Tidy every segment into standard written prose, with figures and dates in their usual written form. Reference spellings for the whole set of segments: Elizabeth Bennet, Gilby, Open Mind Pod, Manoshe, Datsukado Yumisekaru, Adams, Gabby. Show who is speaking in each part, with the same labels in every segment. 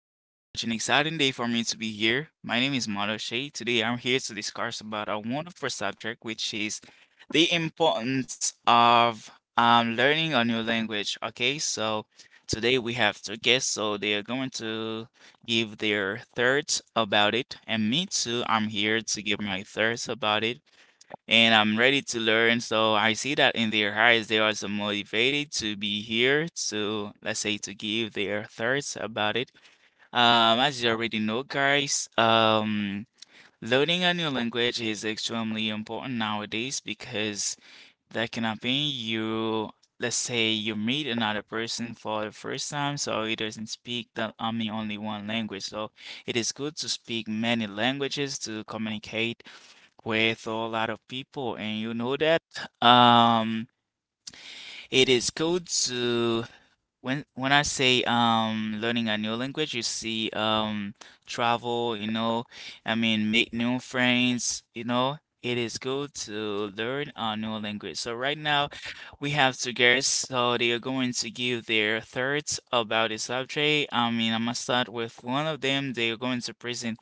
Speaker 1: this is such an exciting day for me to be here. My name is Manoshe. Today, I'm here to discuss about a wonderful subject, which is the importance of learning a new language. Okay, so today we have two guests, so they are going to give their thoughts about it, and me too. I'm here to give my thoughts about it and I'm ready to learn. So I see that in their eyes, they are so motivated to be here to, let's say, to give their thoughts about it. As you already know, guys, learning a new language is extremely important nowadays because that can happen. You, let's say, you meet another person for the first time, so he doesn't speak the, I mean, only one language. So it is good to speak many languages to communicate with a lot of people and you know that um it is good to when I say learning a new language you see travel, you know, I mean, make new friends, you know, it is good to learn a new language. So right now we have two guests, so they are going to give their thoughts about the subject. I mean, I'm gonna start with one of them. They are going to present,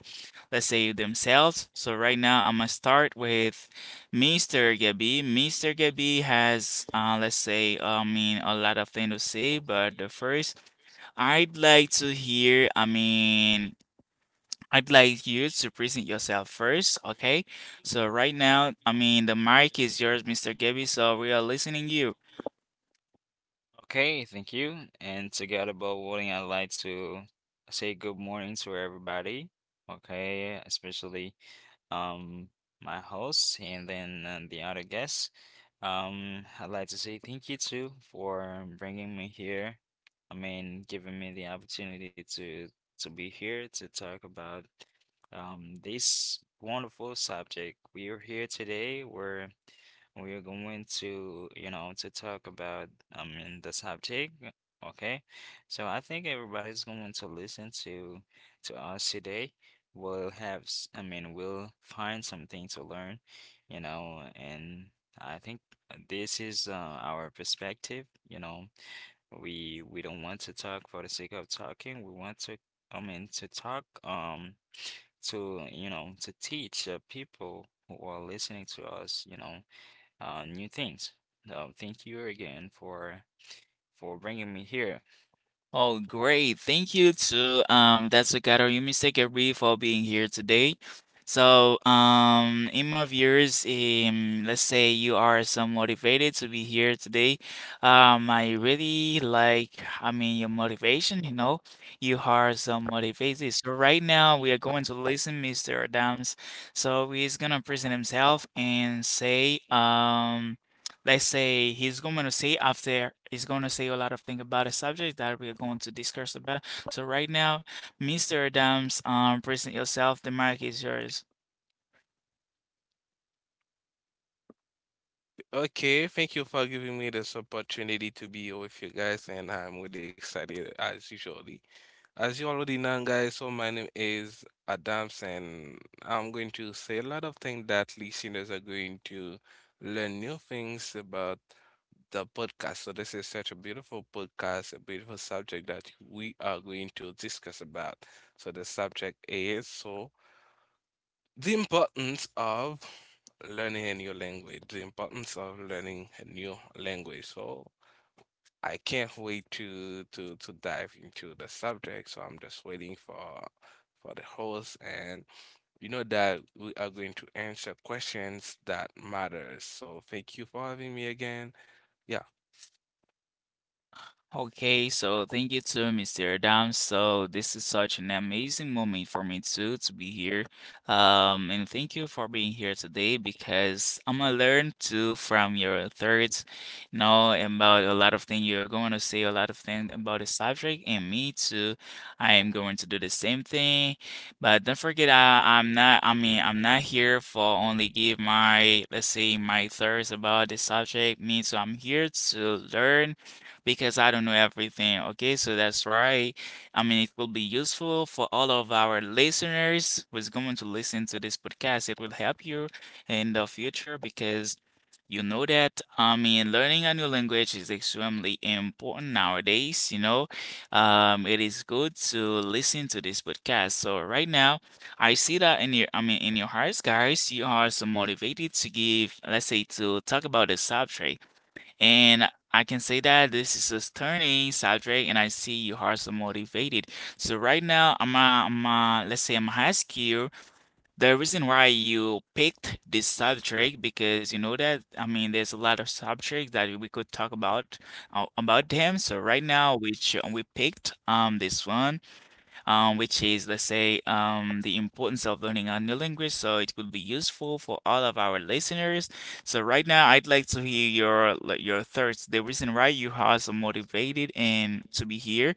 Speaker 1: let's say, themselves. So right now I'm gonna start with Mr. Gabby. Mr. Gabby has let's say, I mean, a lot of things to say, but the first I'd like to hear, I mean, I'd like you to present yourself first, okay? So right now, I mean, the mic is yours, Mr. Gabby. So we are listening you.
Speaker 2: Okay, thank you. And together, about Wooding, I'd like to say good morning to everybody. Okay, especially um my host and then the other guests. I'd like to say thank you too for bringing me here. I mean, giving me the opportunity to be here to talk about this wonderful subject. We are here today. We are going to, you know, to talk about, I mean, the subject. Okay. So I think everybody's going to listen to us today. We'll have, I mean, we'll find something to learn, you know, and I think this is our perspective, you know. We don't want to talk for the sake of talking. We want to, I mean, to talk, to, you know, to teach people who are listening to us, you know new things. So thank you again for bringing me here.
Speaker 1: Oh, great. Thank you to Datsukado Yumisekaru for being here today. So, in my viewers, let's say you are so motivated to be here today. I really like, I mean, your motivation, you know, you are so motivated. So right now we are going to listen Mr. Adams. So he's gonna present himself and say, let's say, he's going to say after, he's going to say a lot of things about a subject that we're going to discuss about. So right now, Mr. Adams, present yourself. The mic is yours.
Speaker 3: Okay, thank you for giving me this opportunity to be here with you guys, and I'm really excited as usually. As you already know, guys, my name is Adams, and I'm going to say a lot of things that listeners are going to learn new things about the podcast. So this is such a beautiful podcast, a beautiful subject that we are going to discuss about. So the subject is so. The importance of learning a new language, the importance of learning a new language. So I can't wait to dive into the subject. So I'm just waiting for the host, and you know that we are going to answer questions that matters. So thank you for having me again. Yeah.
Speaker 1: Okay, so thank you too, Mr. Adam. So this is such an amazing moment for me too to be here. And thank you for being here today because I'm gonna learn too from your thoughts, you know, about a lot of things you're going to say, a lot of things about the subject, and me too. I am going to do the same thing, but don't forget, I'm not. I mean, I'm not here for only give my, let's say, my thoughts about the subject. Me too. I'm here to learn because I don't know everything. Okay, so that's right. I mean, it will be useful for all of our listeners who's going to listen to this podcast. It will help you in the future because you know that, I mean, learning a new language is extremely important nowadays. You know, it is good to listen to this podcast. So right now, I see that in your, I mean, in your hearts, guys, you are so motivated to give, let's say, to talk about the subject. And I can say that this is us turning, Sadre, and I see you are so motivated. So right now, I'm ai am a, let's say, I'm gonna ask you the reason why you picked this subject because you know that, I mean, there's a lot of subjects that we could talk about them. So right now, which we picked this one, which is, let's say, the importance of learning a new language. So it will be useful for all of our listeners. So right now, I'd like to hear your, like, your thoughts. The reason why you are so motivated and to be here.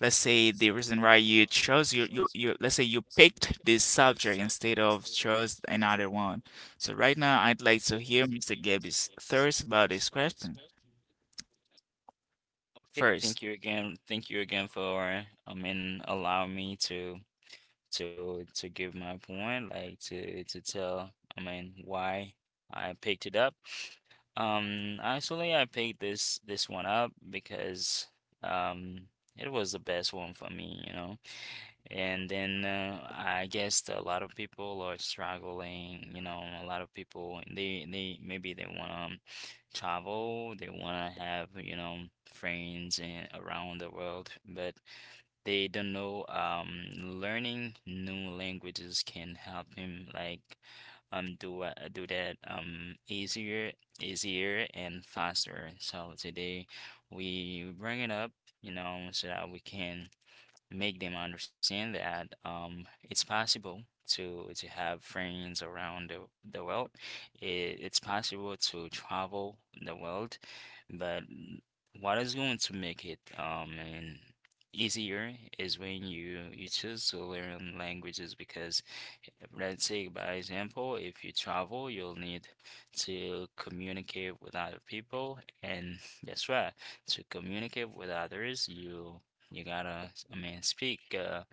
Speaker 1: Let's say the reason why you chose your let's say you picked this subject instead of chose another one. So right now, I'd like to hear Mr. Gabby's thoughts about this question
Speaker 2: Okay, thank
Speaker 1: first.
Speaker 2: you again. Thank you again for, I mean, allowing me to give my point, like to tell, I mean, why I picked it up. Actually, I picked this one up because um it was the best one for me, you know. And then I guess a lot of people are struggling, you know, a lot of people they maybe they wanna travel, they wanna have, you know, friends and around the world, but they don't know learning new languages can help him like do do that easier and faster, so today we bring it up, you know, so that we can make them understand that it's possible to have friends around the world. It's possible to travel the world, but what is going to make it and easier is when you choose to learn languages, because let's say by example, if you travel you'll need to communicate with other people, and guess what, to communicate with others you you gotta, I mean, speak,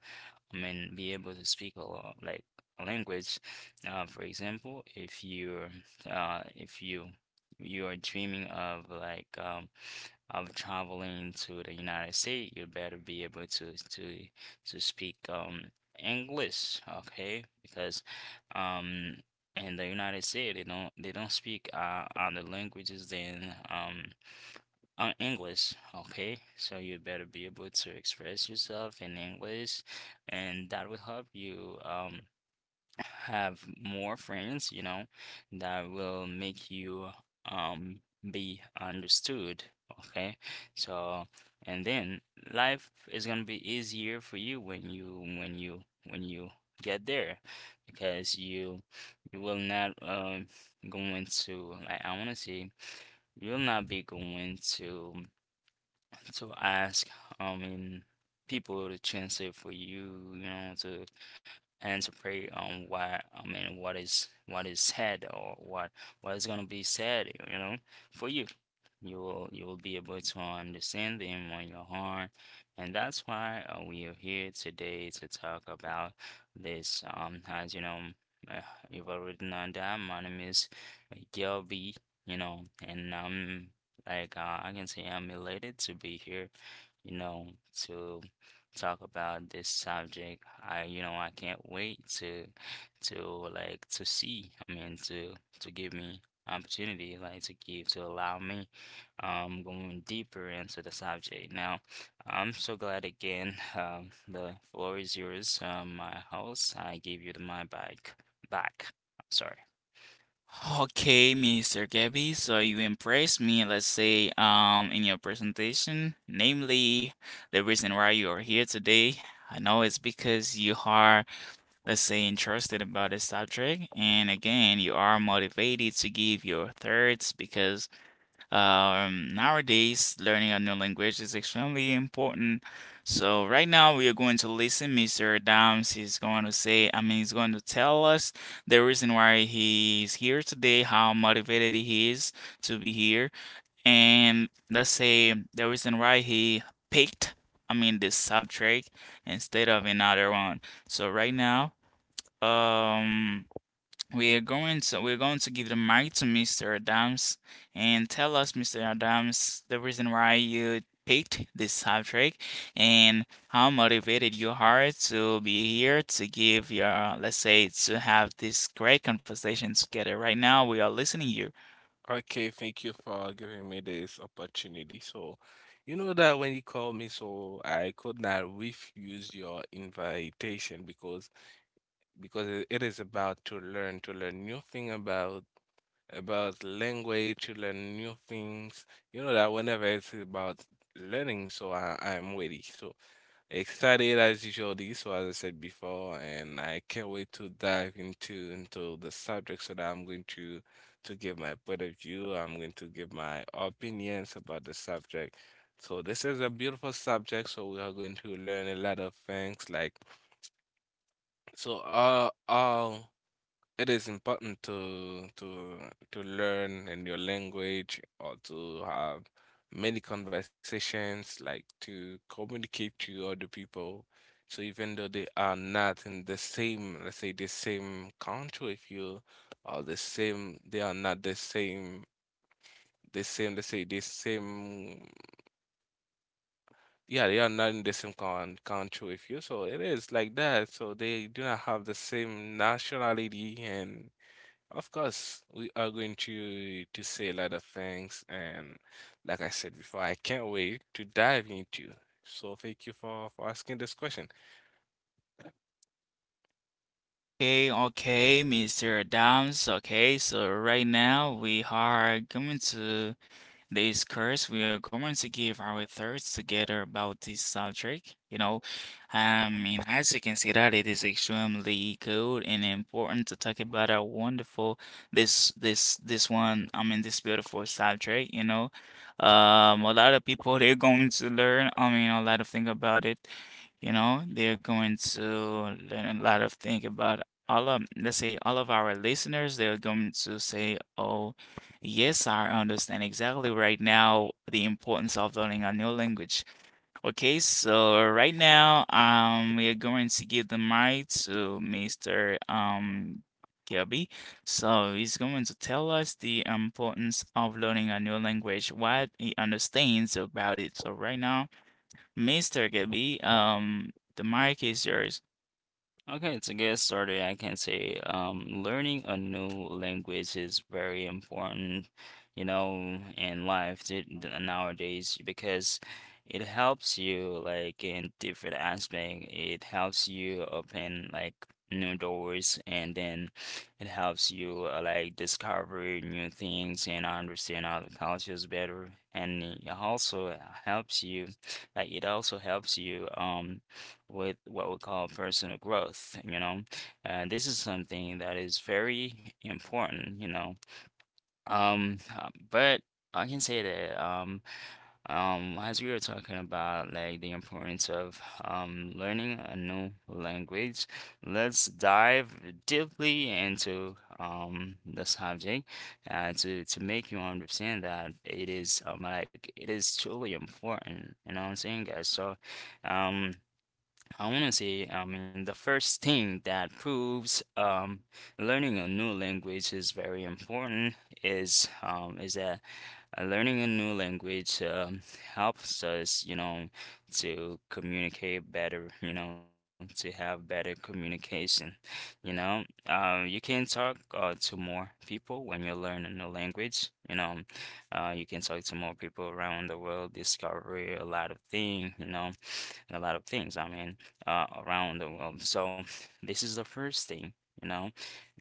Speaker 2: I mean, be able to speak like a language. For example, if you you are dreaming of like of traveling to the United States, you better be able to to speak English, okay? Because um in the United States they don't speak other languages than on English, okay. So you better be able to express yourself in English, and that will help you have more friends, you know, that will make you be understood, okay? So, and then life is gonna be easier for you when you get there because you will not going to, like I wanna say, you'll not be going to ask, I mean, people to translate for you, you know, to and to pray on what, I mean, what is said, or what is gonna be said, you know, for you. You will be able to understand them on your heart, and that's why we are here today to talk about this. As you know, uh, you've already known that my name is Gilby, you know, and I'm like I can say I'm elated to be here, you know, to talk about this subject. I, you know, I can't wait to like to see. I mean, to give me opportunity, like to give to allow me going deeper into the subject. Now, I'm so glad again. The floor is yours. My house. I give you the my bike back. Sorry.
Speaker 1: Okay, Mr. Gabby, so you impressed me, let's say, in your presentation, namely the reason why you are here today. I know it's because you are, let's say, interested about the subject, and again, you are motivated to give your thoughts because nowadays, learning a new language is extremely important. So right now we are going to listen. Mr. Adams is going to say, I mean, he's going to tell us the reason why he's here today, how motivated he is to be here, and let's say the reason why he picked, I mean, this subject instead of another one. So right now, um, we're going to give the mic to Mr. Adams and tell us, Mr. Adams, the reason why you picked this subject and how motivated you are to be here to give your, let's say, to have this great conversation together. Right now, we are listening to you.
Speaker 3: Okay, thank you for giving me this opportunity. So, you know that when you called me, I could not refuse your invitation because it is about to learn new thing about language, to learn new things. You know that whenever it's about learning, I, I'm ready, so excited as usual. So as I said before, and I can't wait to dive into the subject, so that I'm going to give my point of view. I'm going to give my opinions about the subject. So this is a beautiful subject, so we are going to learn a lot of things. Like, so uh uh it is important to to learn a new language or to have many conversations, like to communicate to other people. So even though they are not in the same, let's say the same country with you, or the same, they are not the same, the same, let's say the same, yeah, they are not in the same con country with you. So it is like that. So they do not have the same nationality. And of course, we are going to say a lot of things, and like I said before, I can't wait to dive into. So thank you for asking this question.
Speaker 1: Okay, okay, Mr. Adams. Okay, so right now we are going to this course, we are going to give our thoughts together about this subject. You know, I mean, as you can see that it is extremely good and important to talk about a wonderful this one. I mean, this beautiful subject. You know, a lot of people they're going to learn. I mean, a lot of things about it. You know, they're going to learn a lot of things about all of, let's say, all of our listeners. They're going to say, oh, yes, I understand exactly right now the importance of learning a new language. Okay, so right now, we are going to give the mic to Mr. Kirby. So he's going to tell us the importance of learning a new language, what he understands about it. So right now, Mr. Gabby, the mic is yours.
Speaker 2: Okay, to get started, I can say learning a new language is very important, you know, in nowadays, because it helps you like in different aspect. It helps you open like new doors, and then it helps you like discover new things and understand other cultures better. And it also helps you, like it also helps you with what we call personal growth, you know. And this is something that is very important, you know. But I can say that as we were talking about like the importance of learning a new language, let's dive deeply into the subject to make you understand that it is like it is truly important. You know what I'm saying, guys? Um. I want to say, I mean, the first thing that proves learning a new language is very important is that learning a new language helps us, you know, to communicate better, you know, to have better communication. You know, you can talk to more people when you learn a new language. You know, you can talk to more people around the world, discover a lot of things, you know, a lot of things. I mean, around the world. So this is the first thing, you know,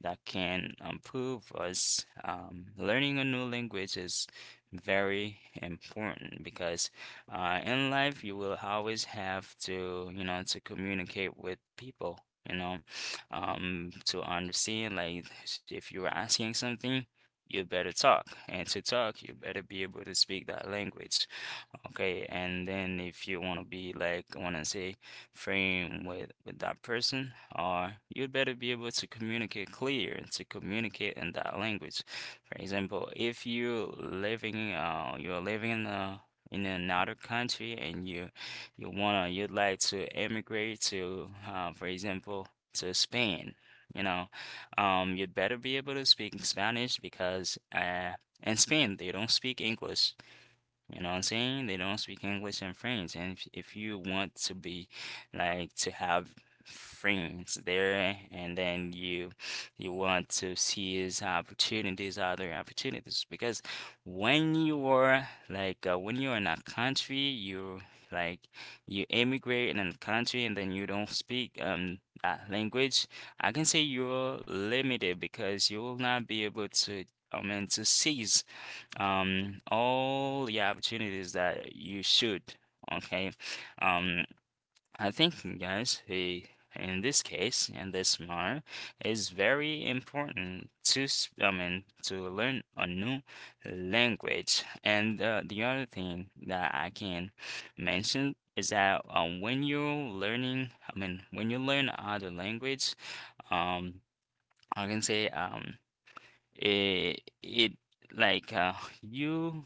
Speaker 2: that can improve us. Learning a new language is very important because in life you will always have to, you know, to communicate with people. You know, to understand, like, if you were asking something, you better talk, and to talk, you better be able to speak that language. Okay, and then if you want to be like, I want to say, friend with that person, or you'd better be able to communicate clear to communicate in that language. For example, if you're living, you're living in a in another country and you wanna you'd like to emigrate to, for example, to Spain, you know, you'd better be able to speak Spanish, because in Spain they don't speak English. You know what I'm saying? They don't speak English in France. And if you want to be like to have friends there, and then you want to seize opportunities, other opportunities. Because when you're in a country, you like you immigrate in a country, and then you don't speak that language, I can say you're limited because you will not be able to, I mean, to seize all the opportunities that you should, okay. um I think, guys, in this case, in this matter, it's very important to I mean to learn a new language. And the other thing that I can mention is that when you're learning, I mean, when you learn other language, um I can say it like you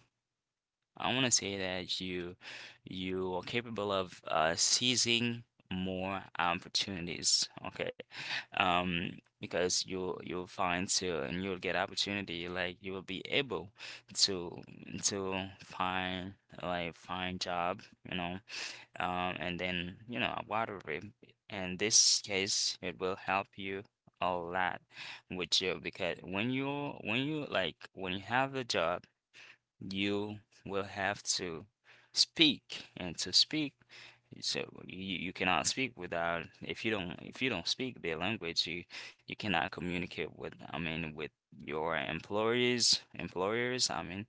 Speaker 2: I want to say that you are capable of seizing more opportunities. Okay, because you you'll find to, and you'll get opportunity. Like you will be able to to find like find job. You know, and then you know whatever. In this case, it will help you a lot with you, because when you like when you have a job, you will have to speak. And to speak, so you cannot speak without. If you don't, if you don't speak their language, you cannot communicate with, I mean, with your employees employers, I mean,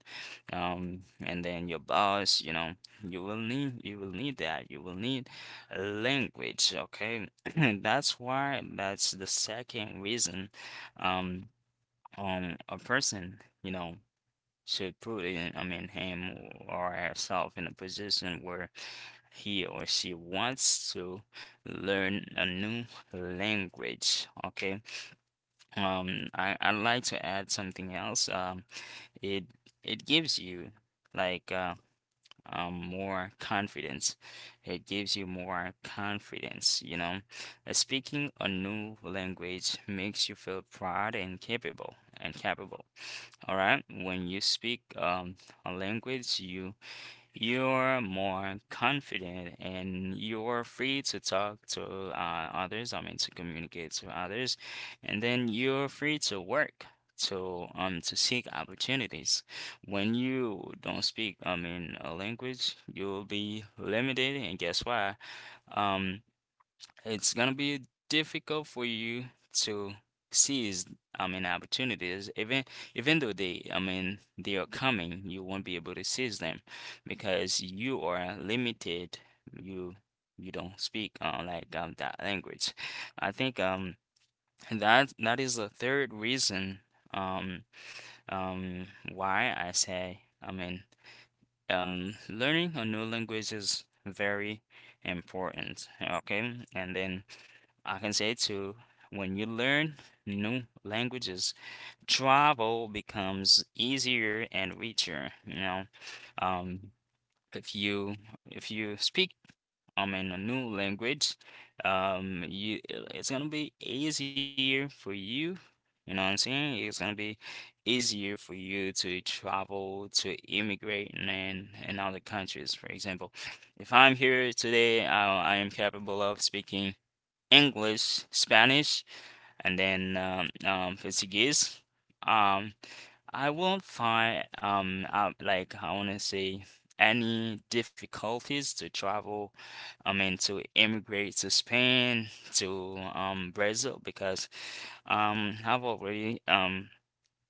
Speaker 2: and then your boss, you know, you will need a language, okay. And that's why, that's the second reason um a person, you know, should put it, I mean, him or herself in a position where he or she wants to learn a new language. Okay. I'd like to add something else. It it gives you like more confidence. It gives you more confidence, you know. Speaking a new language makes you feel proud and capable. All right. When you speak a language, you you're more confident, and you're free to talk to others, I mean, to communicate to others, and then you're free to work. To seek opportunities. When you don't speak, I mean, a language, you'll be limited, and guess why? Um, it's gonna be difficult for you to seize, I mean, opportunities. Even though they, I mean, they are coming, you won't be able to seize them because you are limited. You you don't speak like that language. I think that is the third reason um um why I say, I mean, learning a new language is very important, okay? And then I can say too, when you learn new languages, travel becomes easier and richer, you know. Um, if you if you speak I'm in a new language, you it's gonna be easier for you. You know what I'm saying? It's gonna be easier for you to travel, to immigrate and in other countries. For example, if I'm here today, I am capable of speaking English, Spanish, and then for CGs, um, I won't find like I want to say any difficulties to travel. I mean to immigrate to Spain to Brazil because I've already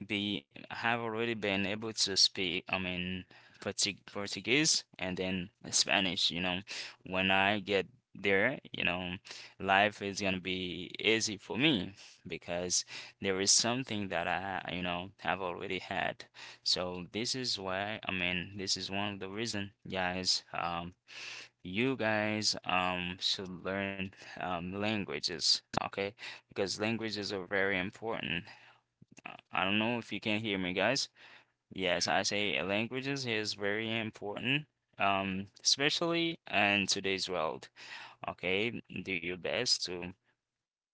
Speaker 2: be have already been able to speak, I mean, Portuguese and then Spanish, you know. When I get there, you know, life is gonna be easy for me because there is something that I have already had. So this is why, I mean, this is one of the reason, guys, you guys should learn languages, okay? Because languages are very important. I don't know if you can hear me, guys. Yes, I say languages is very important, especially in today's world. Okay, do your best to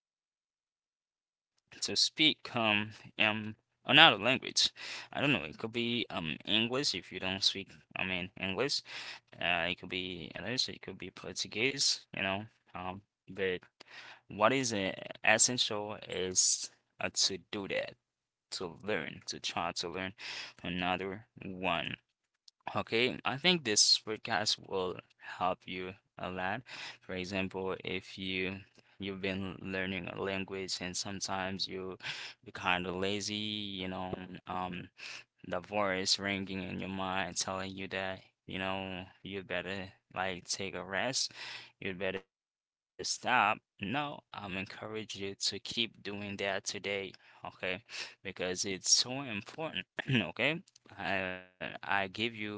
Speaker 2: to speak um another language. I don't know. It could be English if you don't speak. I mean English. It could be Spanish. It could be Portuguese. You know. Um, but what is essential is to do that to learn, to try to learn another one. Okay, I think this podcast will help you a lot. For example, if you've been learning a language and sometimes you be kind of lazy, you know, um, the voice ringing in your mind telling you that, you know, you better like take a rest, you better stop. No, I'm encourage you to keep doing that today, okay? Because it's so important, okay? I give you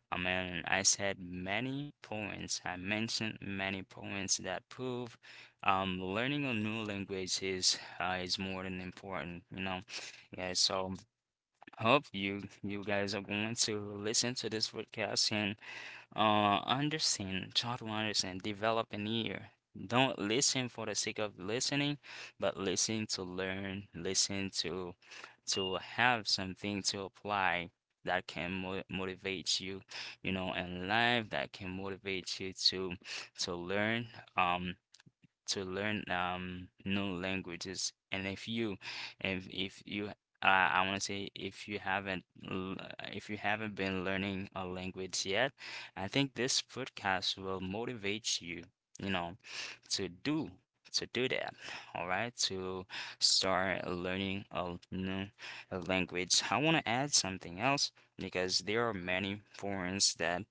Speaker 2: I mean, I said many points. I mentioned many points that prove learning a new language is more than important, you know. Yeah, so hope you guys are going to listen to this podcast and understand, try to understand, develop an ear. Don't listen for the sake of listening, but listen to learn, listen to have something to apply that can mo motivate you, you know, in life, that can motivate you to learn. Um, to learn new languages. And if you, if you, I want to say if you haven't, l- if you haven't been learning a language yet, I think this podcast will motivate you, you know, to do to do that. All right, to start learning a new language. I want to add something else because there are many forums that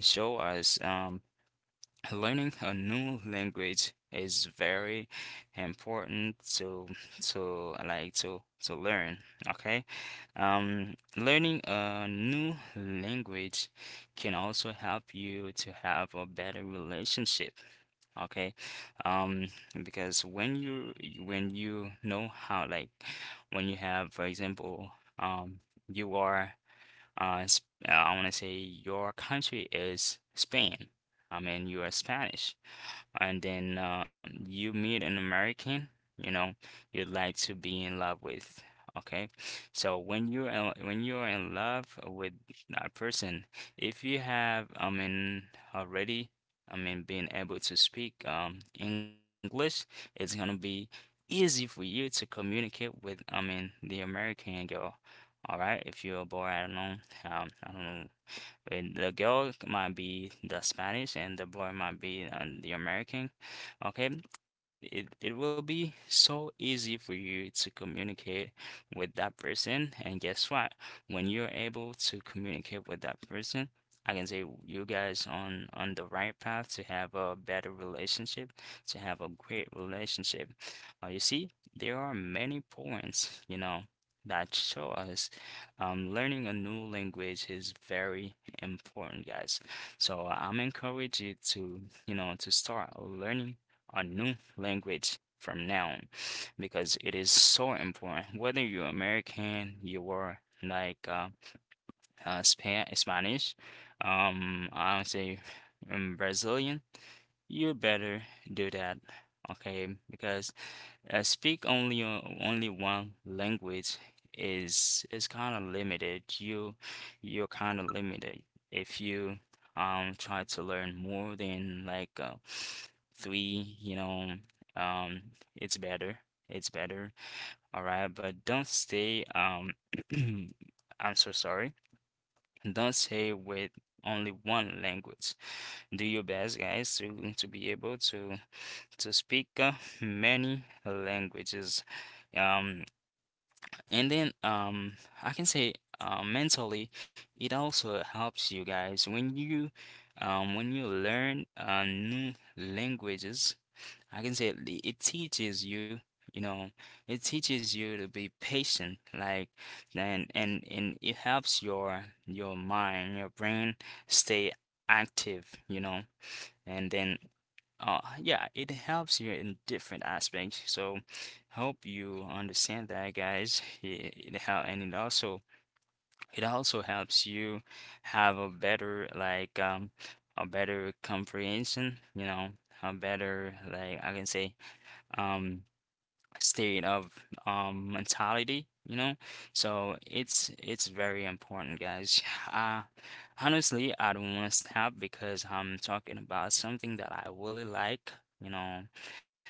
Speaker 2: show us learning a new language is very important to like to learn, okay. Learning a new language can also help you to have a better relationship, okay. Um because when you when you know how, like when you have, for example, um you are uh, I want to say your country is Spain. I mean, you are Spanish. And then you meet an American, you know, you'd like to be in love with. Okay. So when you're in love with that person, if you have, I mean, already, I mean, being able to speak English, it's gonna be easy for you to communicate with, I mean, the American girl. All right, if you're a boy, I don't know. I don't know, and the girl might be the Spanish and the boy might be the American. Okay, it will be so easy for you to communicate with that person. And guess what? When you're able to communicate with that person, I can say you guys on the right path to have a better relationship, to have a great relationship. You see, there are many points, you know, that show us learning a new language is very important, guys. So I'm encourage you to, you know, to start learning a new language from now on because it is so important. Whether you're American, you are like Spanish, I don't say Brazilian, you better do that, okay? Because speak only only one language is kind of limited. You you're kind of limited if you try to learn more than like three, you know, um it's better. It's better. All right, but don't stay I'm so sorry. Don't stay with only one language. Do your best, guys, to be able to speak many languages. Um, and then I can say mentally, it also helps you guys when you learn new languages. I can say it teaches you. You know, it teaches you to be patient, like, and and it helps your mind, your brain stay active, you know, and then yeah, it helps you in different aspects. So hope you understand that, guys. And it also helps you have a better like a better comprehension, you know, a better like I can say um state of mentality, you know. So it's very important, guys. Uh, Honestly, I don't want to stop because I'm talking about something that I really like. You know,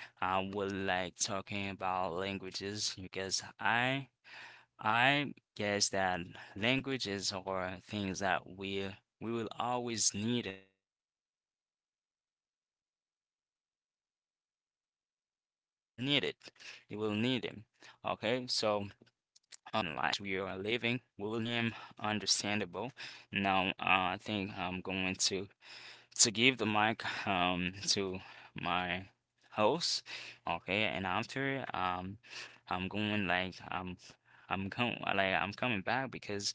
Speaker 2: I would like talking about languages because I guess that languages are things that we will always need in life. Okay, and we always need as long as we are living, we will need it. We will need it. Okay, so I hope I am understandable. Now, I think I'm going to give the mic to my host. Okay, and after I'm going like I'm going like I'm coming back because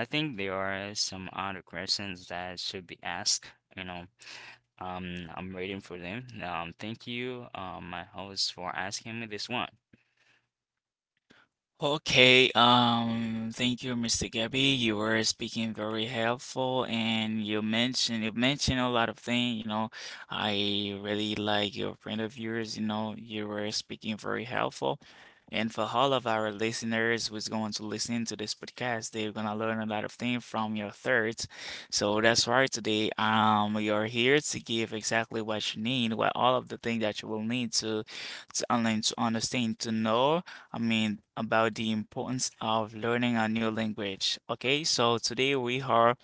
Speaker 2: I think there are some other questions that should be asked. You know, I'm waiting for them. Thank you, my host, for asking me this one.
Speaker 1: Okay, thank you, Mr. Gabby. You were speaking very helpful and you mentioned a lot of things, you know. I really like your point of yours, you know, you were speaking very helpful. And for all of our listeners who's going to listen to this podcast, they're gonna learn a lot of things from your thirds. So that's why today, you're here to give exactly what you need, what all of the things that you will need to, online to understand, to know. I mean, about the importance of learning a new language. Okay, so today we are,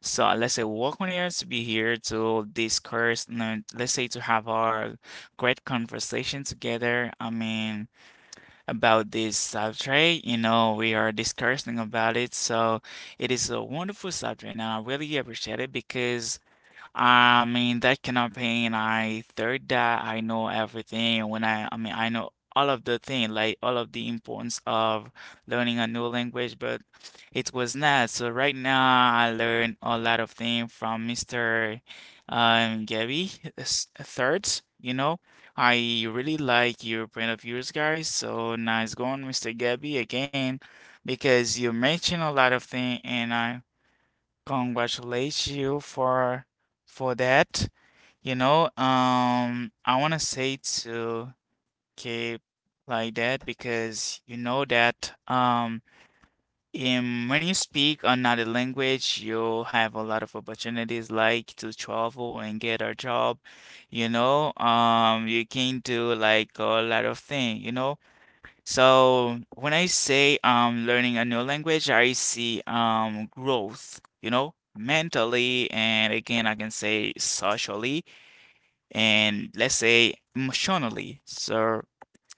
Speaker 1: so let's say, welcome here to be here to discuss, no, let's say, to have our great conversation together. I mean, about this subject, you know, we are discussing about it. So it is a wonderful subject, and I really appreciate it because I mean, that cannot campaign, I third that I know everything. When I mean, I know all of the thing, like all of the importance of learning a new language, but it was not. So right now, I learned a lot of things from Mr. Gabby third. You know, I really like your point of views, guys. So nice going, Mr. Gabby, again, because you mentioned a lot of things, and I congratulate you for that. You know, I wanna say to keep like that because you know that in when you speak another language, you have a lot of opportunities like to travel and get a job. You know, you can do like a lot of things. You know, so when I say learning a new language, I see growth, you know, mentally, and again, I can say socially and let's say emotionally. So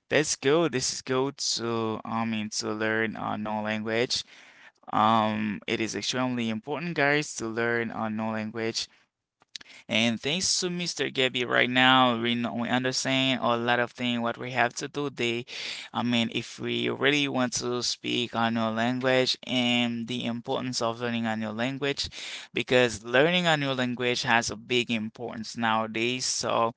Speaker 1: that's good. This is good to, I mean, to learn a new language. It is extremely important, guys, to learn a new language, and thanks to Mr. Gabby right now, we know, we understand a lot of things what we have to do today. I mean, if we really want to speak a new language and the importance of learning a new language, because learning a new language has a big importance nowadays. So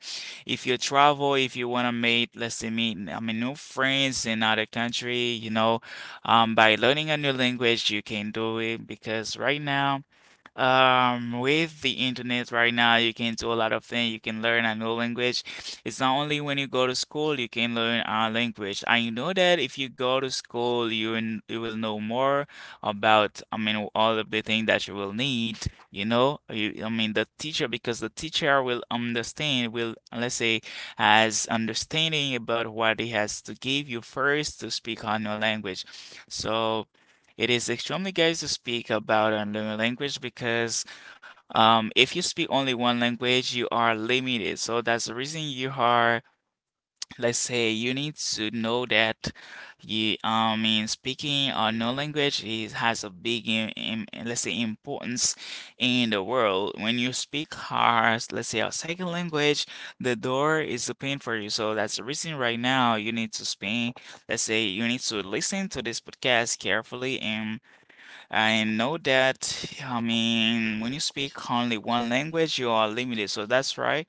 Speaker 1: if you travel, if you want to make, let's say, meet, I mean, new friends in other country, you know, by learning a new language, you can do it because right now, with the internet right now, you can do a lot of things. You can learn a new language. It's not only when you go to school you can learn a language. I know that if you go to school, you you will know more about, I mean, all of the things that you will need. You know, the teacher because the teacher will understand, will, let's say, has understanding about what he has to give you first to speak on your language. So. It is extremely good to speak about another language because if you speak only one language, you are limited. So that's the reason you are, let's say, you need to know that speaking another language is, has a big, let's say, importance in the world. When you speak our, let's say, a second language, the door is open for you. So that's the reason right now you need to speak, let's say you need to listen to this podcast carefully. And I know that, I mean, when you speak only one language, you are limited. So that's right.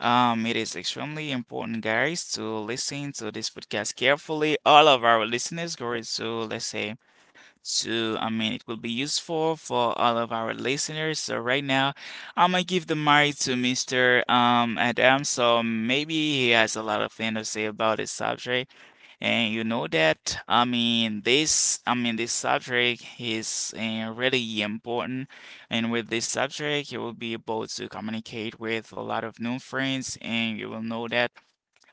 Speaker 1: It is extremely important, guys, to listen to this podcast carefully. All of our listeners go to, let's say, I mean, it will be useful for all of our listeners. So right now, I'm gonna give the mic to Mr. Adam. So maybe he has a lot of things to say about this subject. And you know that, I mean, this subject is really important. And with this subject, you will be able to communicate with a lot of new friends, and you will know that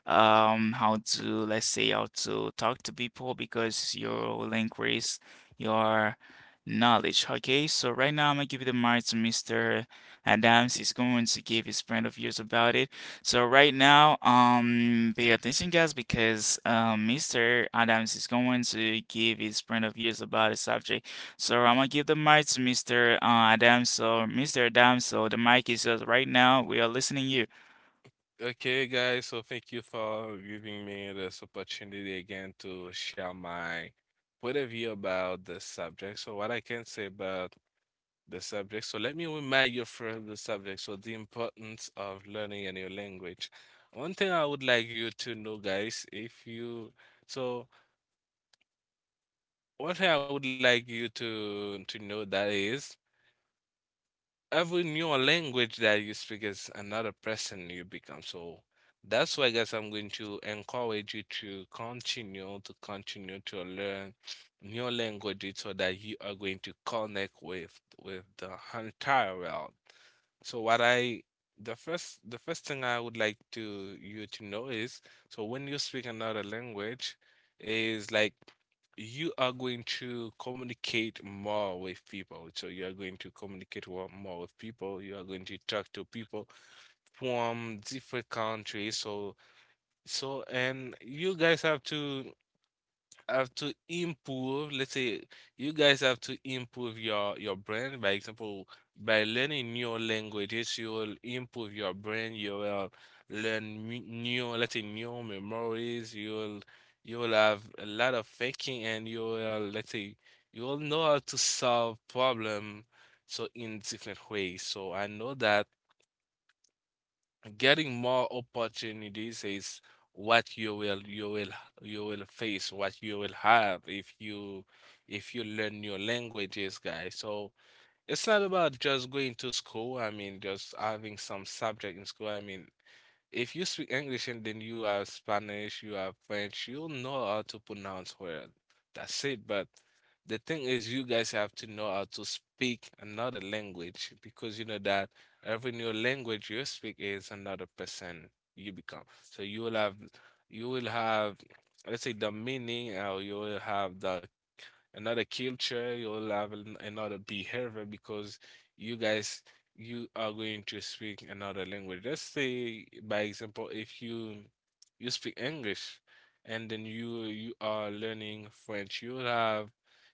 Speaker 1: how to, let's say, how to talk to people because you will increase your knowledge. Okay, so right now I'm gonna give the mic to Mr. Adams. He's going to give his point of views about it. So right now, pay attention, guys, because Mr. Adams is going to give his point of views about the subject. So I'm gonna give the mic to Mr. Adams. So Mr. Adams, so the mic is yours right now. We are listening to you.
Speaker 3: Okay, guys, so thank you for giving me this opportunity again to share my point of view about the subject. So what I can say about the subject. So let me remind you from the subject. So the importance of learning a new language. One thing I would like you to know, guys, if you so. What I would like you to know that is every new language that you speak is another person you become. So that's why, guys, I'm going to encourage you to continue to learn new languages so that you are going to connect with the entire world. So what I The first thing I would like to you to know is, when you speak another language, is like you are going to communicate more with people. So you are going to communicate more with people. You are going to talk to people from different countries. So and you guys have to improve, let's say, you guys have to improve your brand, by example. By learning new languages, you will improve your brain. You will learn new, let's say new memories. You will have a lot of thinking, and you will, let's say, you will know how to solve problem, so in different ways. So I know that getting more opportunities is what you will you will face, what you will have if you learn your languages, guys. So it's not about just going to school. I mean, just having some subject in school. I mean, if you speak English and then you have Spanish, you have French, you'll know how to pronounce words. That's it. But the thing is, you guys have to know how to speak another language, because you know that every new language you speak is another person you become. So you will have, let's say, the meaning, or you will have the another culture. You'll have another behavior, because you guys, you are going to speak another language. Let's say, by example, if you speak English and then you are learning French, you'll have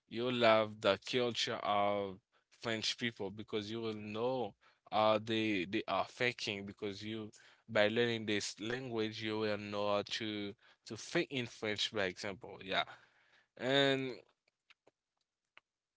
Speaker 3: the culture of French people, because you will know how they are thinking. Because you, by learning this language, you will know how to think in French, by example. Yeah. And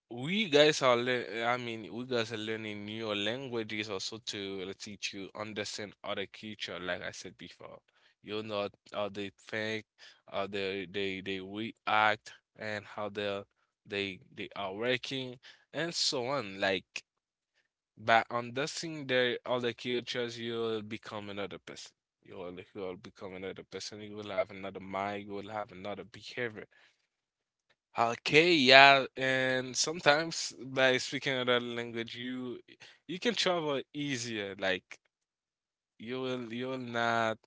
Speaker 3: we guys are learning new languages also to teach you understand other culture. Like I said before, you know how they think, how they react, and how they are working, and so on. Like, by understanding their other cultures, you'll become another person. You'll become another person. You will have another mind. You will have another behavior. Okay, yeah, and sometimes by speaking another language, you can travel easier. Like, you will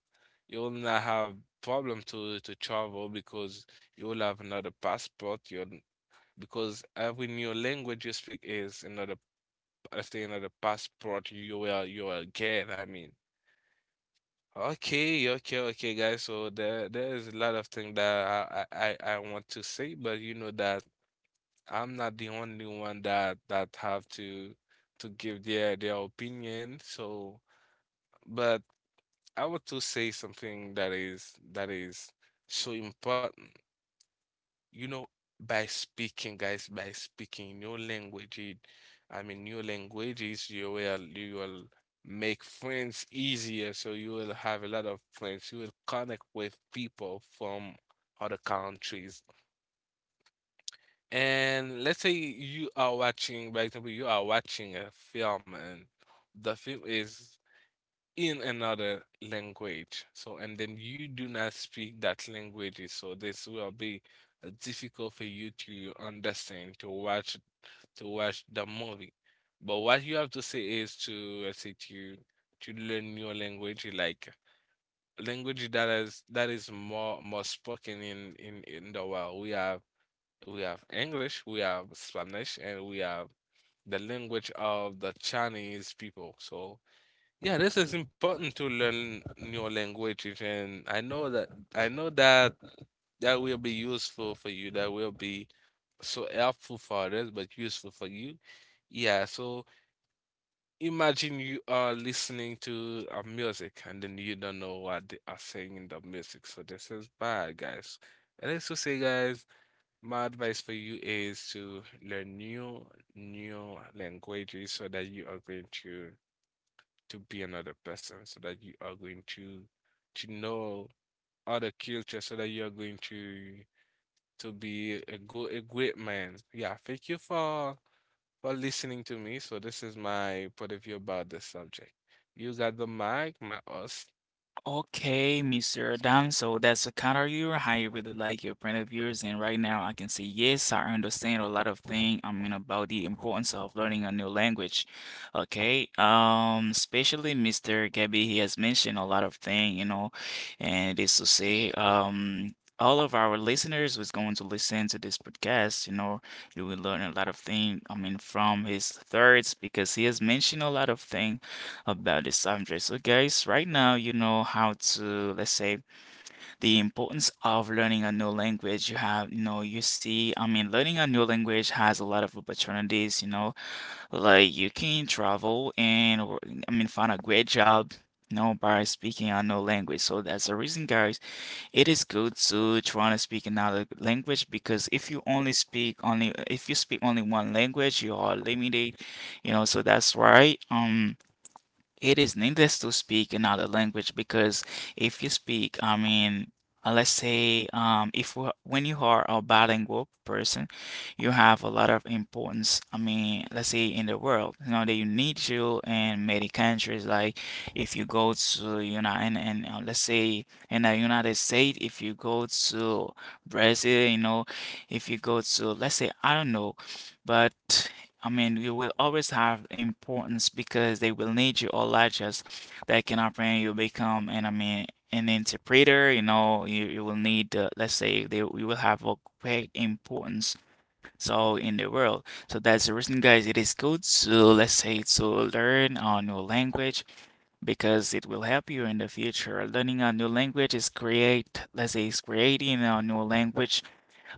Speaker 3: you will not have problem to travel, because you will have another passport. You, because every new language you speak is another, I say another passport, you will get. I mean, okay, okay, okay, guys. So there is a lot of things that I want to say, but you know that. I'm not the only one that have to give their opinion. So, but I want to say something that is so important. You know, by speaking, guys, by speaking in your language, it, I mean your languages, you will make friends easier. So you will have a lot of friends. You will connect with people from other countries. And let's say you are watching, by example, you are watching a film, and the film is in another language. So, and then you do not speak that language. So this will be difficult for you to understand, to watch, the movie. But what you have to say is to, let's say, to learn your language, like language that is more spoken in the world. We have English, we have Spanish, and we have the language of the Chinese people. So yeah, this is important to learn new languages, and I know that I know that that will be useful for you. That will be so helpful for others, but useful for you. Yeah, so imagine you are listening to a music and then you don't know what they are saying in the music. So this is bad, guys. And let's just say, guys, my advice for you is to learn new languages so that you are going to be another person, so that you are going to know other culture, so that you are going to be a good a great man. Yeah, thank you for listening to me. So this is my point of view about this subject. You got the mic, my host.
Speaker 1: Okay, Mr. Adam. So that's the kind of you, how you really like your point of views. And right now, I can say yes, I understand a lot of things. I mean about the importance of learning a new language. Okay, especially Mr. Gabby, he has mentioned a lot of things, you know, and it is to say. All of our listeners who's going to listen to this podcast, you know, you will learn a lot of things. I mean, from his thirds because he has mentioned a lot of things about this subject. So, guys, right now you know how to, let's say, the importance of learning a new language. You have, you know, you see, I mean, learning a new language has a lot of opportunities, you know, like you can travel and, or, I mean, find a great job, you know, by speaking a new language. So that's the reason, guys, it is good to try to speak another language because if you only speak, only if you speak only one language, you are limited, you know, so that's why it is needless to speak another language because if you speak, I mean, let's say, if we- when you are a bilingual person, you have a lot of importance. I mean, let's say in the world, you know, that you need you in many countries. Like if you go to, you know, and let's say in the United States, if you go to Brazil, you know, if you go to, let's say, I don't know, but. I mean, you will always have importance because they will need you or like just that can happen. You become and I mean an interpreter, you know, you will need let's say they you will have a great importance so in the world. So that's the reason, guys, it is good to, let's say, to learn a new language because it will help you in the future. Learning a new language is create, let's say is creating a new language,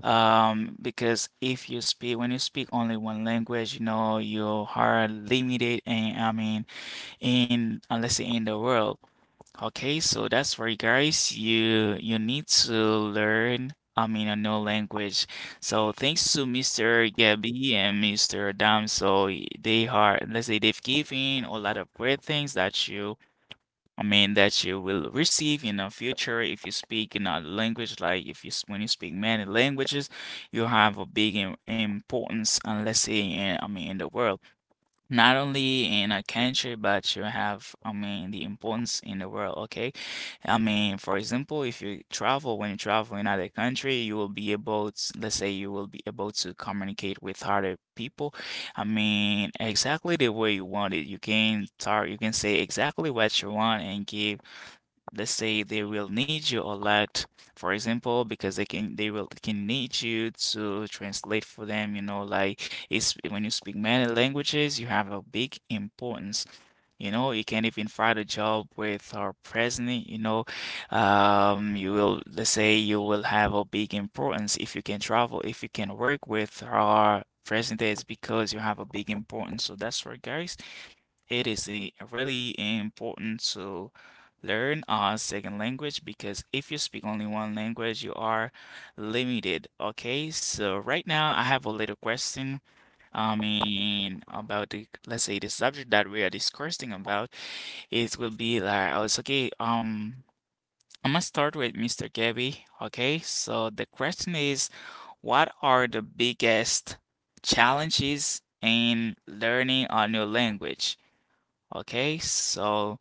Speaker 1: because if you speak, when you speak only one language, you know, you are limited and I mean in unless you're in the world. Okay, so that's for you, guys. You need to learn I mean a new language. So thanks to Mr. Gabby and Mr. Dam. So they are, let's say, they've given a lot of great things that you I mean, that you will receive in the future if you speak another language. Like if you when you speak many languages, you have a big importance, and let's say in, I mean, in the world, not only in a country, but you have, I mean, the importance in the world. Okay, I mean, for example, if you travel, when you travel in other country, you will be able to, let's say, you will be able to communicate with other people. I mean, exactly the way you want it. You can talk, you can say exactly what you want and give. Let's say they will need you a lot, for example, because they will can need you to translate for them, you know, like it's when you speak many languages, you have a big importance. You know, you can even find a job with our president, you know. You will, let's say you will have a big importance if you can travel, if you can work with our president, it's because you have a big importance. So that's right, guys. It is really important to learn a second language because if you speak only one language, you are limited. Okay, so right now I have a little question. I mean, about the, let's say, the subject that we are discussing about. It will be like, oh, it's okay. I'm gonna start with Mr. Gabby. Okay, so the question is, what are the biggest challenges in learning a new language? Okay, so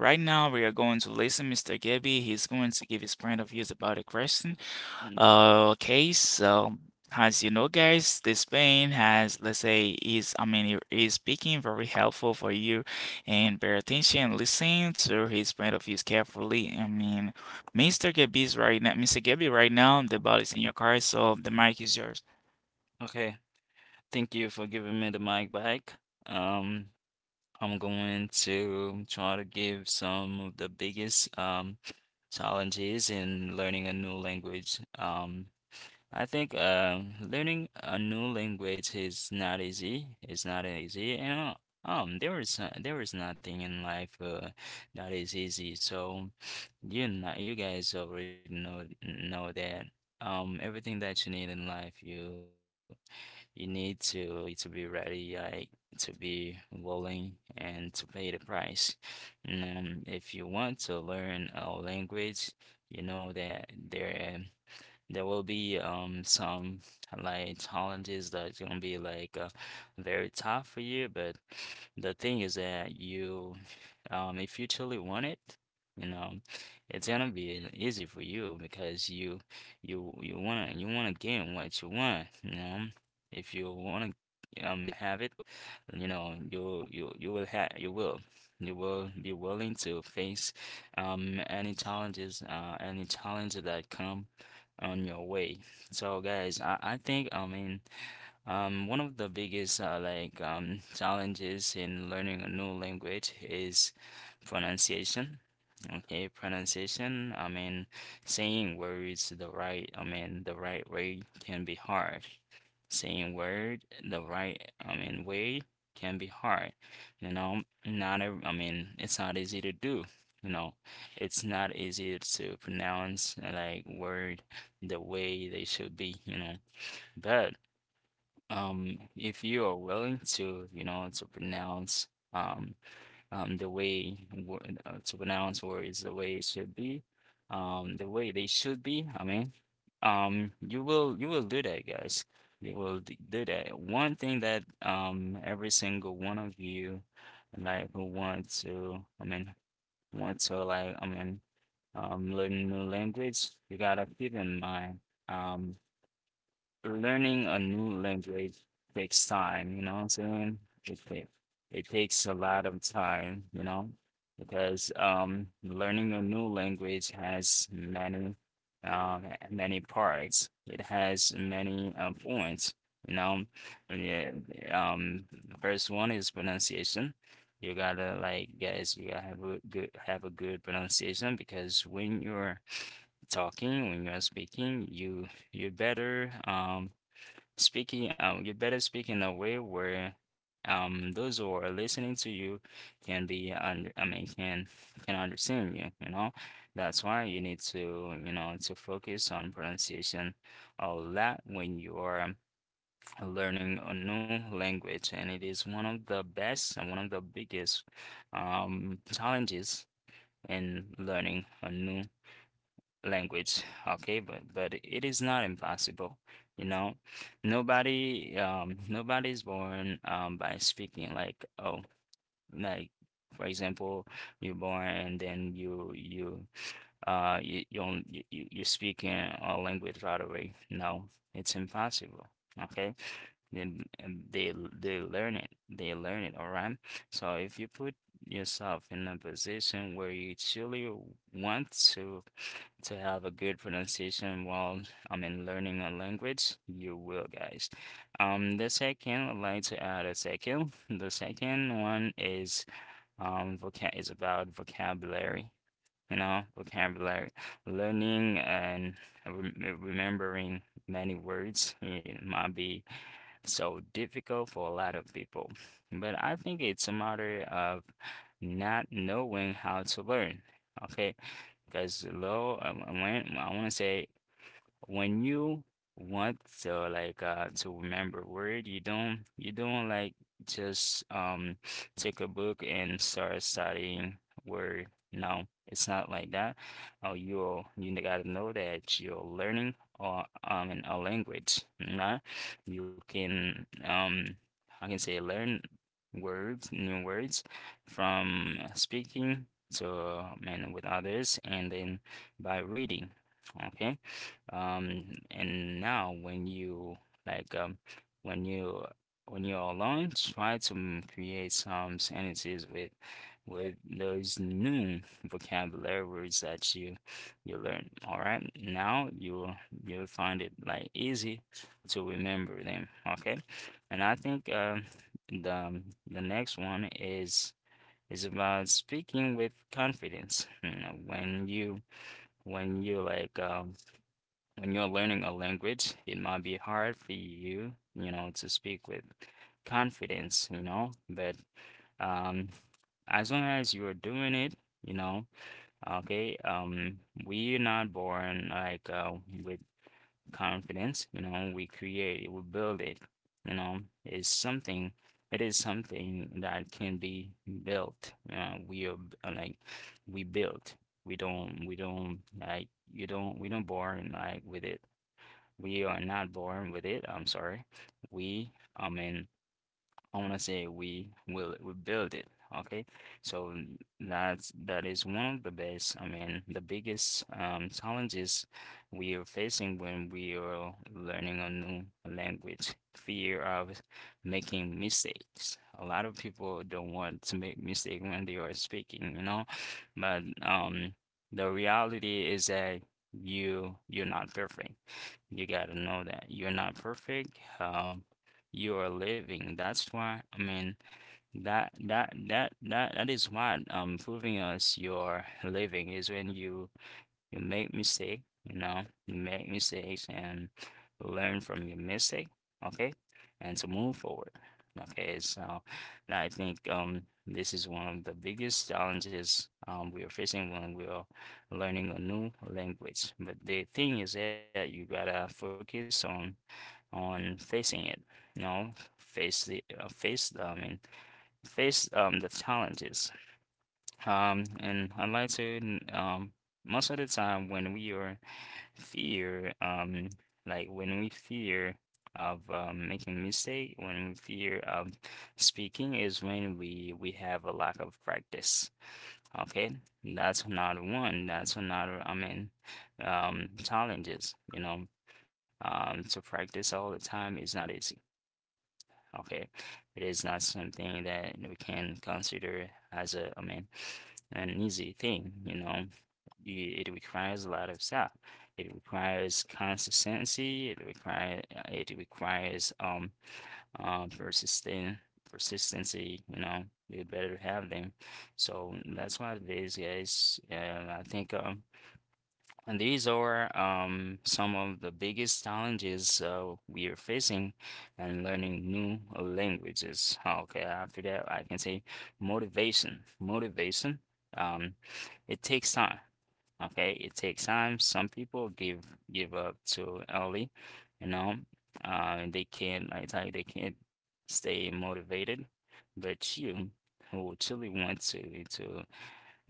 Speaker 1: right now, we are going to listen Mr. Gabby. He's going to give his point of views about the question.
Speaker 2: Mm.
Speaker 1: Okay, so as you know, guys, this pain has, let's say, is I mean, is speaking very helpful for you, and pay attention, listen to his point of views carefully. I mean, Mr. Gabby, right now, the ball is in your car, so the mic is yours.
Speaker 2: Okay, thank you for giving me the mic back. Um, I'm going to try to give some of the biggest challenges in learning a new language. I think learning a new language is not easy. It's not easy, and there is nothing in life that is easy. So you not you guys already know that. Everything that you need in life, you need to be ready, like to be willing and to pay the price. And if you want to learn a language, you know that there. There will be some like challenges that's gonna be like very tough for you, but the thing is that if you truly want it, you know, it's gonna be easy for you because you wanna you wanna get what you want, you know. If you wanna have it, you know, you will have. You will you will be willing to face any challenges that come on your way. So guys, I think I mean one of the biggest challenges in learning a new language is pronunciation. Okay, pronunciation, I mean saying words the right, I mean, the right way can be hard. Saying word the right, I mean, way can be hard. You know, not a, I mean, it's not easy to do. You know, it's not easy to pronounce like word the way they should be, you know. But if you are willing to, you know, to pronounce um um, the way wo- to pronounce words the way it should be, the way they should be. I mean, you will do that, guys. You will do that. One thing that every single one of you like who want to, I mean, want to like, I mean, learn new language, you gotta keep in mind. Um, Learning a new language takes time, you know what I'm saying? It, ta- it takes a lot of time, you know, because learning a new language has uh, many parts. It has many points, you know. Yeah, um, first one is pronunciation. You gotta like, guys, you gotta have a good pronunciation because when you're talking, when you're speaking, you better speaking you better speak in a way where those who are listening to you can be under I mean can understand you, you know. That's why you need to, you know, to focus on pronunciation a lot when you are learning a new language, and it is one of the best and one of the biggest challenges in learning a new language, okay? But it is not impossible, you know. Nobody, nobody's born by speaking like, oh, like, for example, you're born and then you you you don't- you speak in a language right away. No, it's impossible. Okay, then and they learn it. They learn it. All right. So if you put yourself in a position where you truly want to have a good pronunciation while I'm in learning a language, you will, guys. The second, I'd like to add a second. The second one is vocab is about vocabulary. You know, vocabulary, learning and remembering many words. It might be so difficult for a lot of people, but I think it's a matter of not knowing how to learn. Okay, because low, I want to say when you want to like to remember word you don't like just take a book and start studying word. No, it's not like that. Oh, you gotta know that you're learning or in a language, nah? You can I can say learn words new words from speaking to and with others and then by reading. Okay. And now when you like um when you when you're alone, try to create some sentences with those new vocabulary words that you learn. All right. Now you'll find it like easy to remember them. Okay. And I think the um, the next one is about speaking with confidence. You know, when you when you like um when you're learning a language, it might be hard for you, you know, to speak with confidence, you know, but um, as long as you're doing it, you know. Okay. We're not born like with confidence, you know, we create it, we build it, you know, it's something, it is something that can be built, you know, like, we built, we don't born like with it. We are not born with it. I'm sorry. We, I mean, I want to say we build it. Okay, so that is one of the best. I mean, the biggest challenges we are facing when we are learning a new language, fear of making mistakes. A lot of people don't want to make mistake when they are speaking, you know, but the reality is that you're not perfect. You gotta know that you're not perfect. Um, you are living. That's why, I mean, that is what proving us your living is when you make mistake, you know, you make mistakes and learn from your mistake, okay? And to move forward. Okay, so now I think this is one of the biggest challenges we are facing when we are learning a new language. But the thing is that you gotta focus on facing it, you know, face the uh, face i mean face the challenges. And I'd like to um most of the time when we are fear like when we fear of making mistake, when we fear of speaking is when we have a lack of practice. Okay, that's another one, that's another I mean challenges, you know. To practice all the time is not easy. Okay, it is not something that we can consider as a, I mean, an easy thing. You know, it requires a lot of stuff. It requires consistency. It requires persistent persistency. You know, you better have them. So that's what it is, guys. I think and these are some of the biggest challenges we are facing and learning new languages. Okay, after that, I can say motivation. Motivation, um, it takes time. Okay, it takes time. Some people give up too early, you know, they can't, I tell you, they can't stay motivated. But you, who truly want to,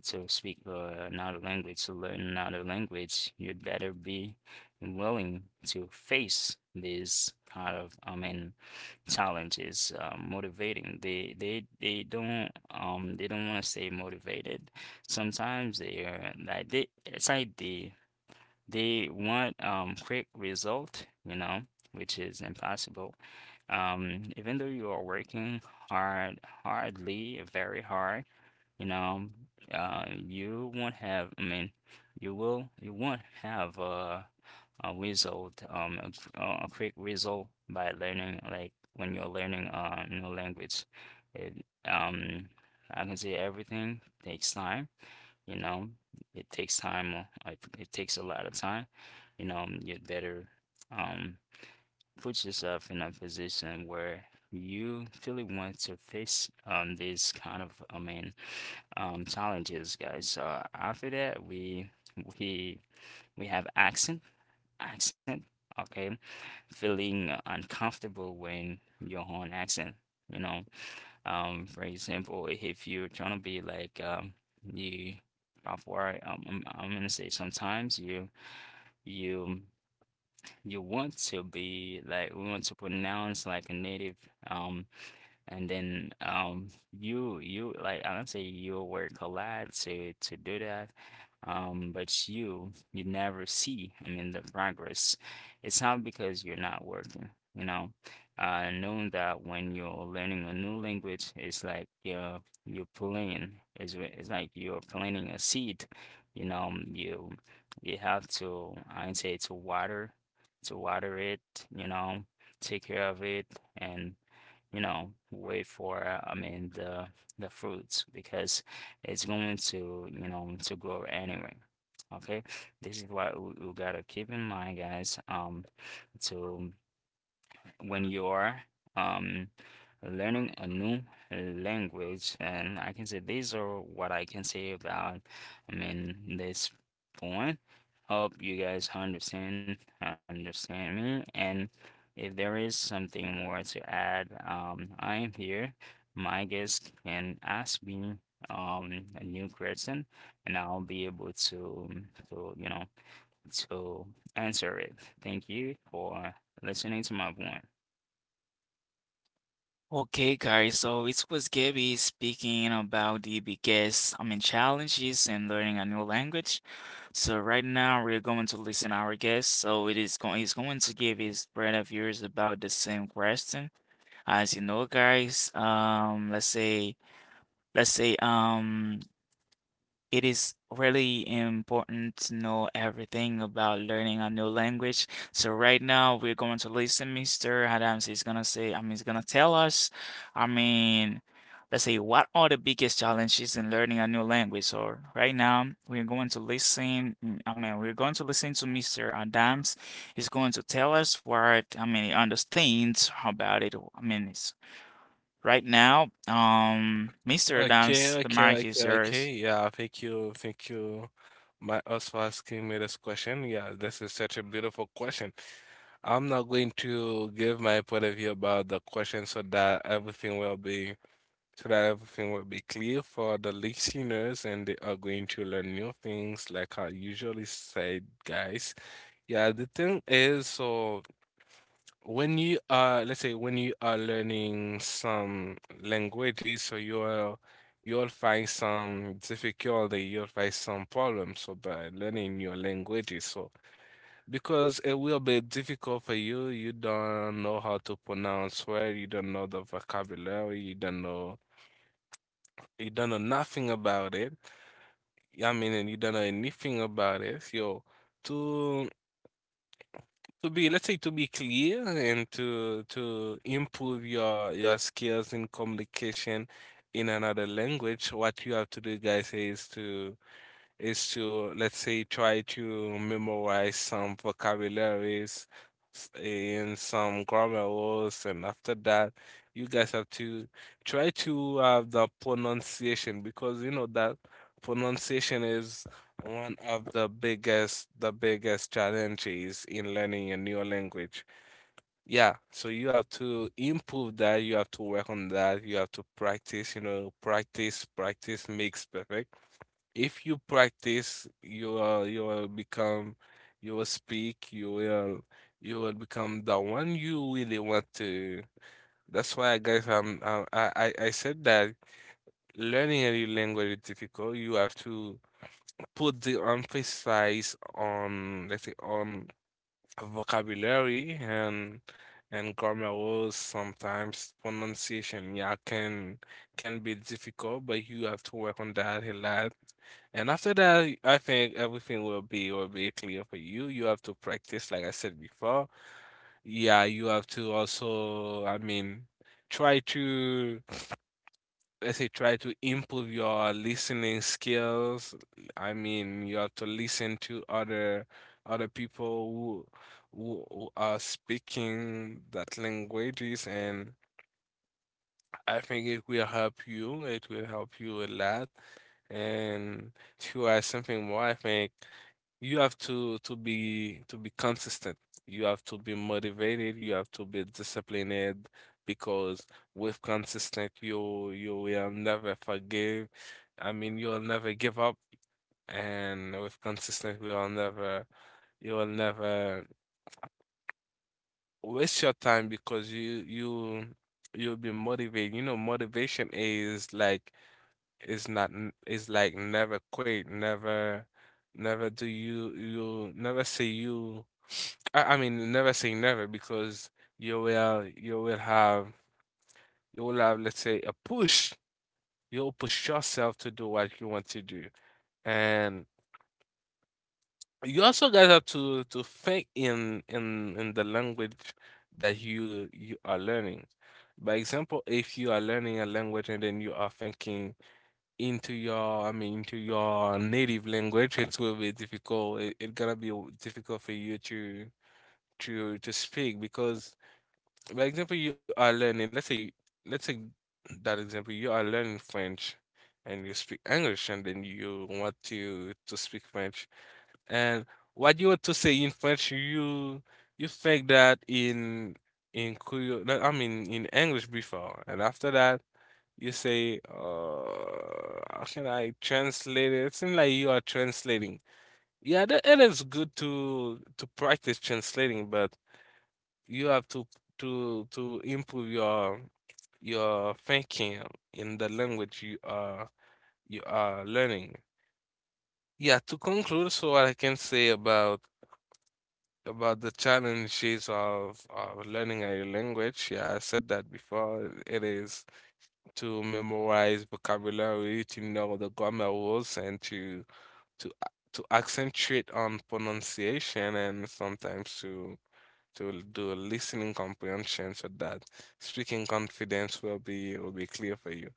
Speaker 2: to speak another language, to learn another language, you'd better be willing to face these kind of, I mean, challenges. Motivating. They don't want to stay motivated. Sometimes they are like they it's like they want quick result, you know, which is impossible. Even though you are working hard, hardly, very hard, you know, you won't have, I mean, you won't have a result, a quick result by learning, like when you're learning a new language. It, um, I can say everything takes time, you know, it takes time, it takes a lot of time, you know, you'd better, um, put yourself in a position where you really want to face these kind of, I mean, challenges, guys. So after that, we we have accent, accent. Okay, feeling uncomfortable when your own accent, you know. For example, if you're trying to be like you of where I- I'm gonna say sometimes you you want to be like we want to pronounce like a native. um and then you you like I don't say you work a lot to do that. But you never see, I mean, the progress. It's not because you're not working, you know. Knowing that when you're learning a new language, it's like you're pulling. It's like you're planting a seed, you know. You have to, I'd say, to water it, you know, take care of it, and you know, wait for, I mean, the fruits because it's going to, you know, to grow anyway. Okay, this is what we gotta keep in mind, guys. To when you are um, learning a new language. And I can say these are what I can say about, I mean, this point. Hope you guys understand me. And if there is something more to add, I am here. My guest can ask me a new question and I'll be able to you know to answer it. Thank you for listening to my point.
Speaker 1: Okay, guys, so it was Gabby speaking about the biggest, I mean, challenges in learning a new language. So right now we're going to listen our guest. So it is going he's going to give his brand of yours about the same question. As you know, guys, let's say let's say um it is really important to know everything about learning a new language. So right now we're going to listen, Mr. Adams is gonna say, I mean, he's gonna tell us, I mean, let's say, what are the biggest challenges in learning a new language? So right now we're going to listen, I mean, we're going to listen to Mr. Adams. He's going to tell us what, I mean, he understands about it. I mean, it's right now, Mr.
Speaker 3: Okay,
Speaker 1: Adams, the
Speaker 3: okay,
Speaker 1: mic is
Speaker 3: okay, okay.
Speaker 1: yours.
Speaker 3: Yeah, thank you, my us, for asking me this question. Yeah, this is such a beautiful question. I'm not going to give my point of view about the question, so that everything will be clear for the listeners, and they are going to learn new things like I usually say, guys. Yeah, the thing is, when you are, let's say, when you are learning some languages, so you'll find some difficulty, you'll find some problems so by learning your languages. So because it will be difficult for you, you don't know how to pronounce word, you don't know the vocabulary, you don't know, nothing about it. I mean, and you don't know anything about it. So to be, let's say, to be clear, and to improve your skills in communication in another language, what you have to do, guys, is to let's say try to memorize some vocabularies, and some grammar rules. And after that, you guys have to try to have the pronunciation, because you know that pronunciation is one of the biggest challenges in learning a new language. Yeah, so you have to improve that, you have to work on that, you have to practice. You know, practice makes perfect. If you practice, you will become, you will speak, you will become the one you really want to. That's why, guys, I said that learning a new language is difficult. You have to put the emphasis on, let's say, on vocabulary and grammar rules, sometimes pronunciation, yeah, can be difficult, but you have to work on that a lot, and after that I think everything will be clear for you. You have to practice, like I said before. Yeah, you have to also, I mean, try to, let's say, try to improve your listening skills. I mean, you have to listen to other other people who who are speaking that languages, and I think it will help you, it will help you a lot. And if you are something more, I think you have to to be consistent. You have to be motivated. You have to be disciplined, because with consistent you will never forgive. I mean, you'll never give up, and with consistent you'll never waste your time because you you'll be motivated. You know, motivation is like it's not n it's like never quit, never never do you never say you I mean never say never, because you will have, you will have, let's say, a push. You'll push yourself to do what you want to do. And you also, guys, have to to think in in the language that you are learning. By example, if you are learning a language and then you are thinking into your, I mean, into your native language, it will be difficult. It gonna be difficult for you to to speak, because for example, you are learning. Let's say, let's say that example, you are learning French, and you speak English, and then you want to speak French, and what you want to say in French, you think that in Creole, I mean, in English, before, and after that you say, how can I translate it? It seems like you are translating. Yeah, that, it is good to practice translating, but you have to to improve your thinking in the language you are learning. Yeah, to conclude, so what I can say about the challenges of learning a language, yeah, I said that before, it is to memorize vocabulary, to know the grammar rules, and to a- to accentuate on pronunciation, and sometimes to l- do a listening comprehension, so that speaking confidence will be clear for you.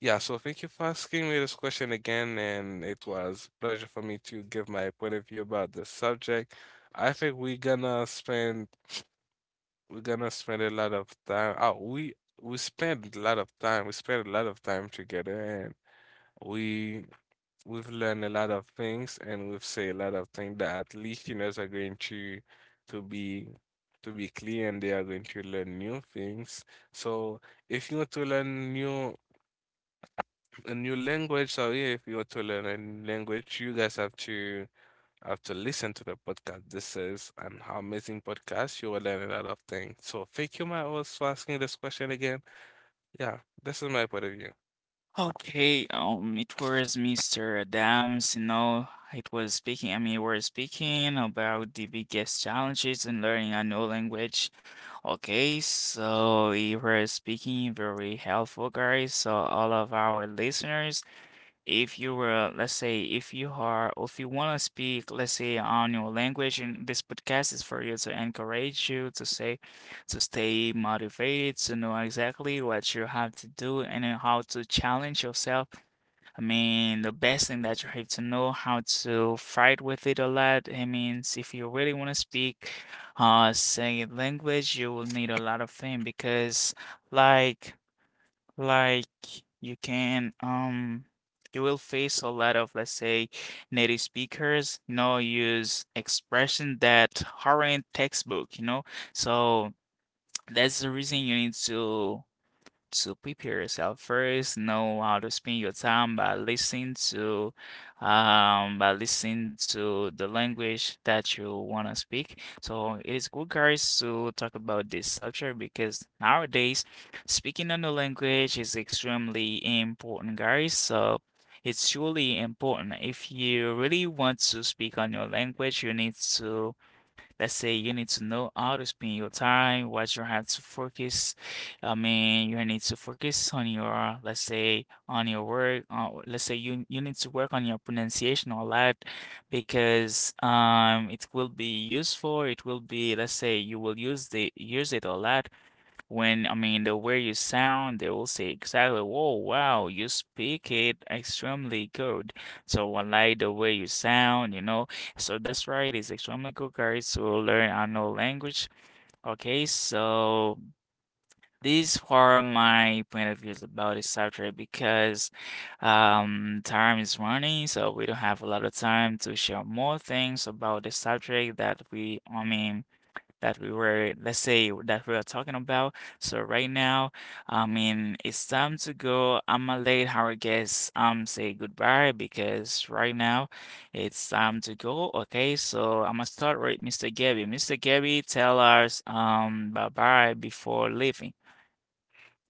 Speaker 3: Yeah, so thank you for asking me this question again, and it was pleasure for me to give my point of view about the subject. I think we're gonna spend a lot of time. Oh, we spend a lot of time. We spend a lot of time together, and we we've learned a lot of things, and we've said a lot of things that at least teenagers are going to to be to be clear, and they are going to learn new things. So if you want to learn new a new language, sorry, if you want to learn a new language, you guys have to listen to the podcast. This is an amazing podcast. You will learn a lot of things. So thank you, my host, for asking this question again. Yeah, this is my point of view.
Speaker 1: Okay, it was Mr. Adams, you know, it was speaking, I mean, we were speaking about the biggest challenges in learning a new language. Okay, so you were speaking very helpful, guys. So all of our listeners, if you were, let's say, if you are, if you want to speak, let's say, on your language, and this podcast is for you to encourage you to say, to stay motivated, to know exactly what you have to do and then how to challenge yourself. I mean, the best thing that you have to know how to fight with it a lot. I mean, if you really want to speak, say language, you will need a lot of things because, like, like you can you will face a lot of, let's say, native speakers, you know, use expression that aren't textbook, you know. So that's the reason you need to prepare yourself first, know how to spend your time by listening to the language that you want to speak. So it is good, guys, to talk about this subject because nowadays speaking another language is extremely important, guys. So it's truly important. If you really want to speak on your language, you need to, let's say, you need to know how to spend your time, what you have to focus. I mean, you need to focus on your, let's say, on your work. Let's say you you need to work on your pronunciation a lot because it will be useful. It will be, let's say, you will use the use it a lot when, I mean, the way you sound, they will say exactly, whoa, wow, you speak it extremely good. So I like the way you sound, you know. So that's right, it's extremely good, guys, to learn another language. Okay, so these are my point of views about this subject because time is running, so we don't have a lot of time to share more things about the subject that we, I mean, that we were, let's say, that we are talking about. So right now, I mean, it's time to go. I'm gonna let our guests say goodbye because right now it's time to go. Okay, so I'm gonna start with Mr. Gabby. Mr. Gabby, tell us bye bye before leaving.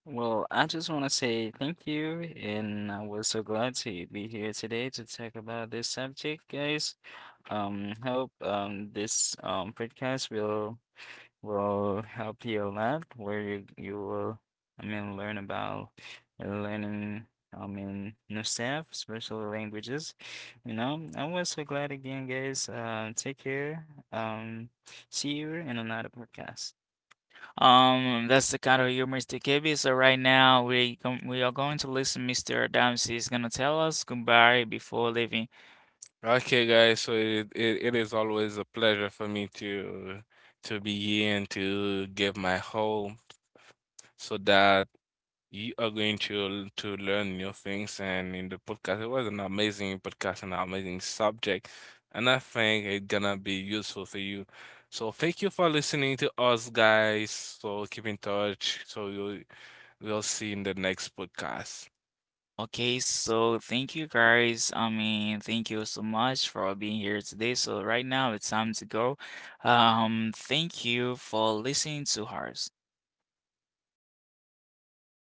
Speaker 2: Well, I just want to say thank you, and I was so glad to be here today to talk about this subject, guys. Hope this podcast will help you a lot, where you will, I mean, learn about learning, I mean, new stuff, especially languages. You know, I was so glad again, guys. Take care. See you in another podcast.
Speaker 1: That's the kind of humor Mr. Gabby. So right now we are going to listen. Mr. Adams is gonna tell us goodbye before leaving.
Speaker 3: Okay, guys. So it is always a pleasure for me to be here and to give my hope, so that you are going to learn new things. And in the podcast, it was an amazing podcast and an amazing subject, and I think it's gonna be useful for you. So thank you for listening to us, guys. So keep in touch. So you we'll see you in the next podcast.
Speaker 1: Okay, so thank you, guys. I mean, thank you so much for being here today. So right now it's time to go. Thank you for listening to ours.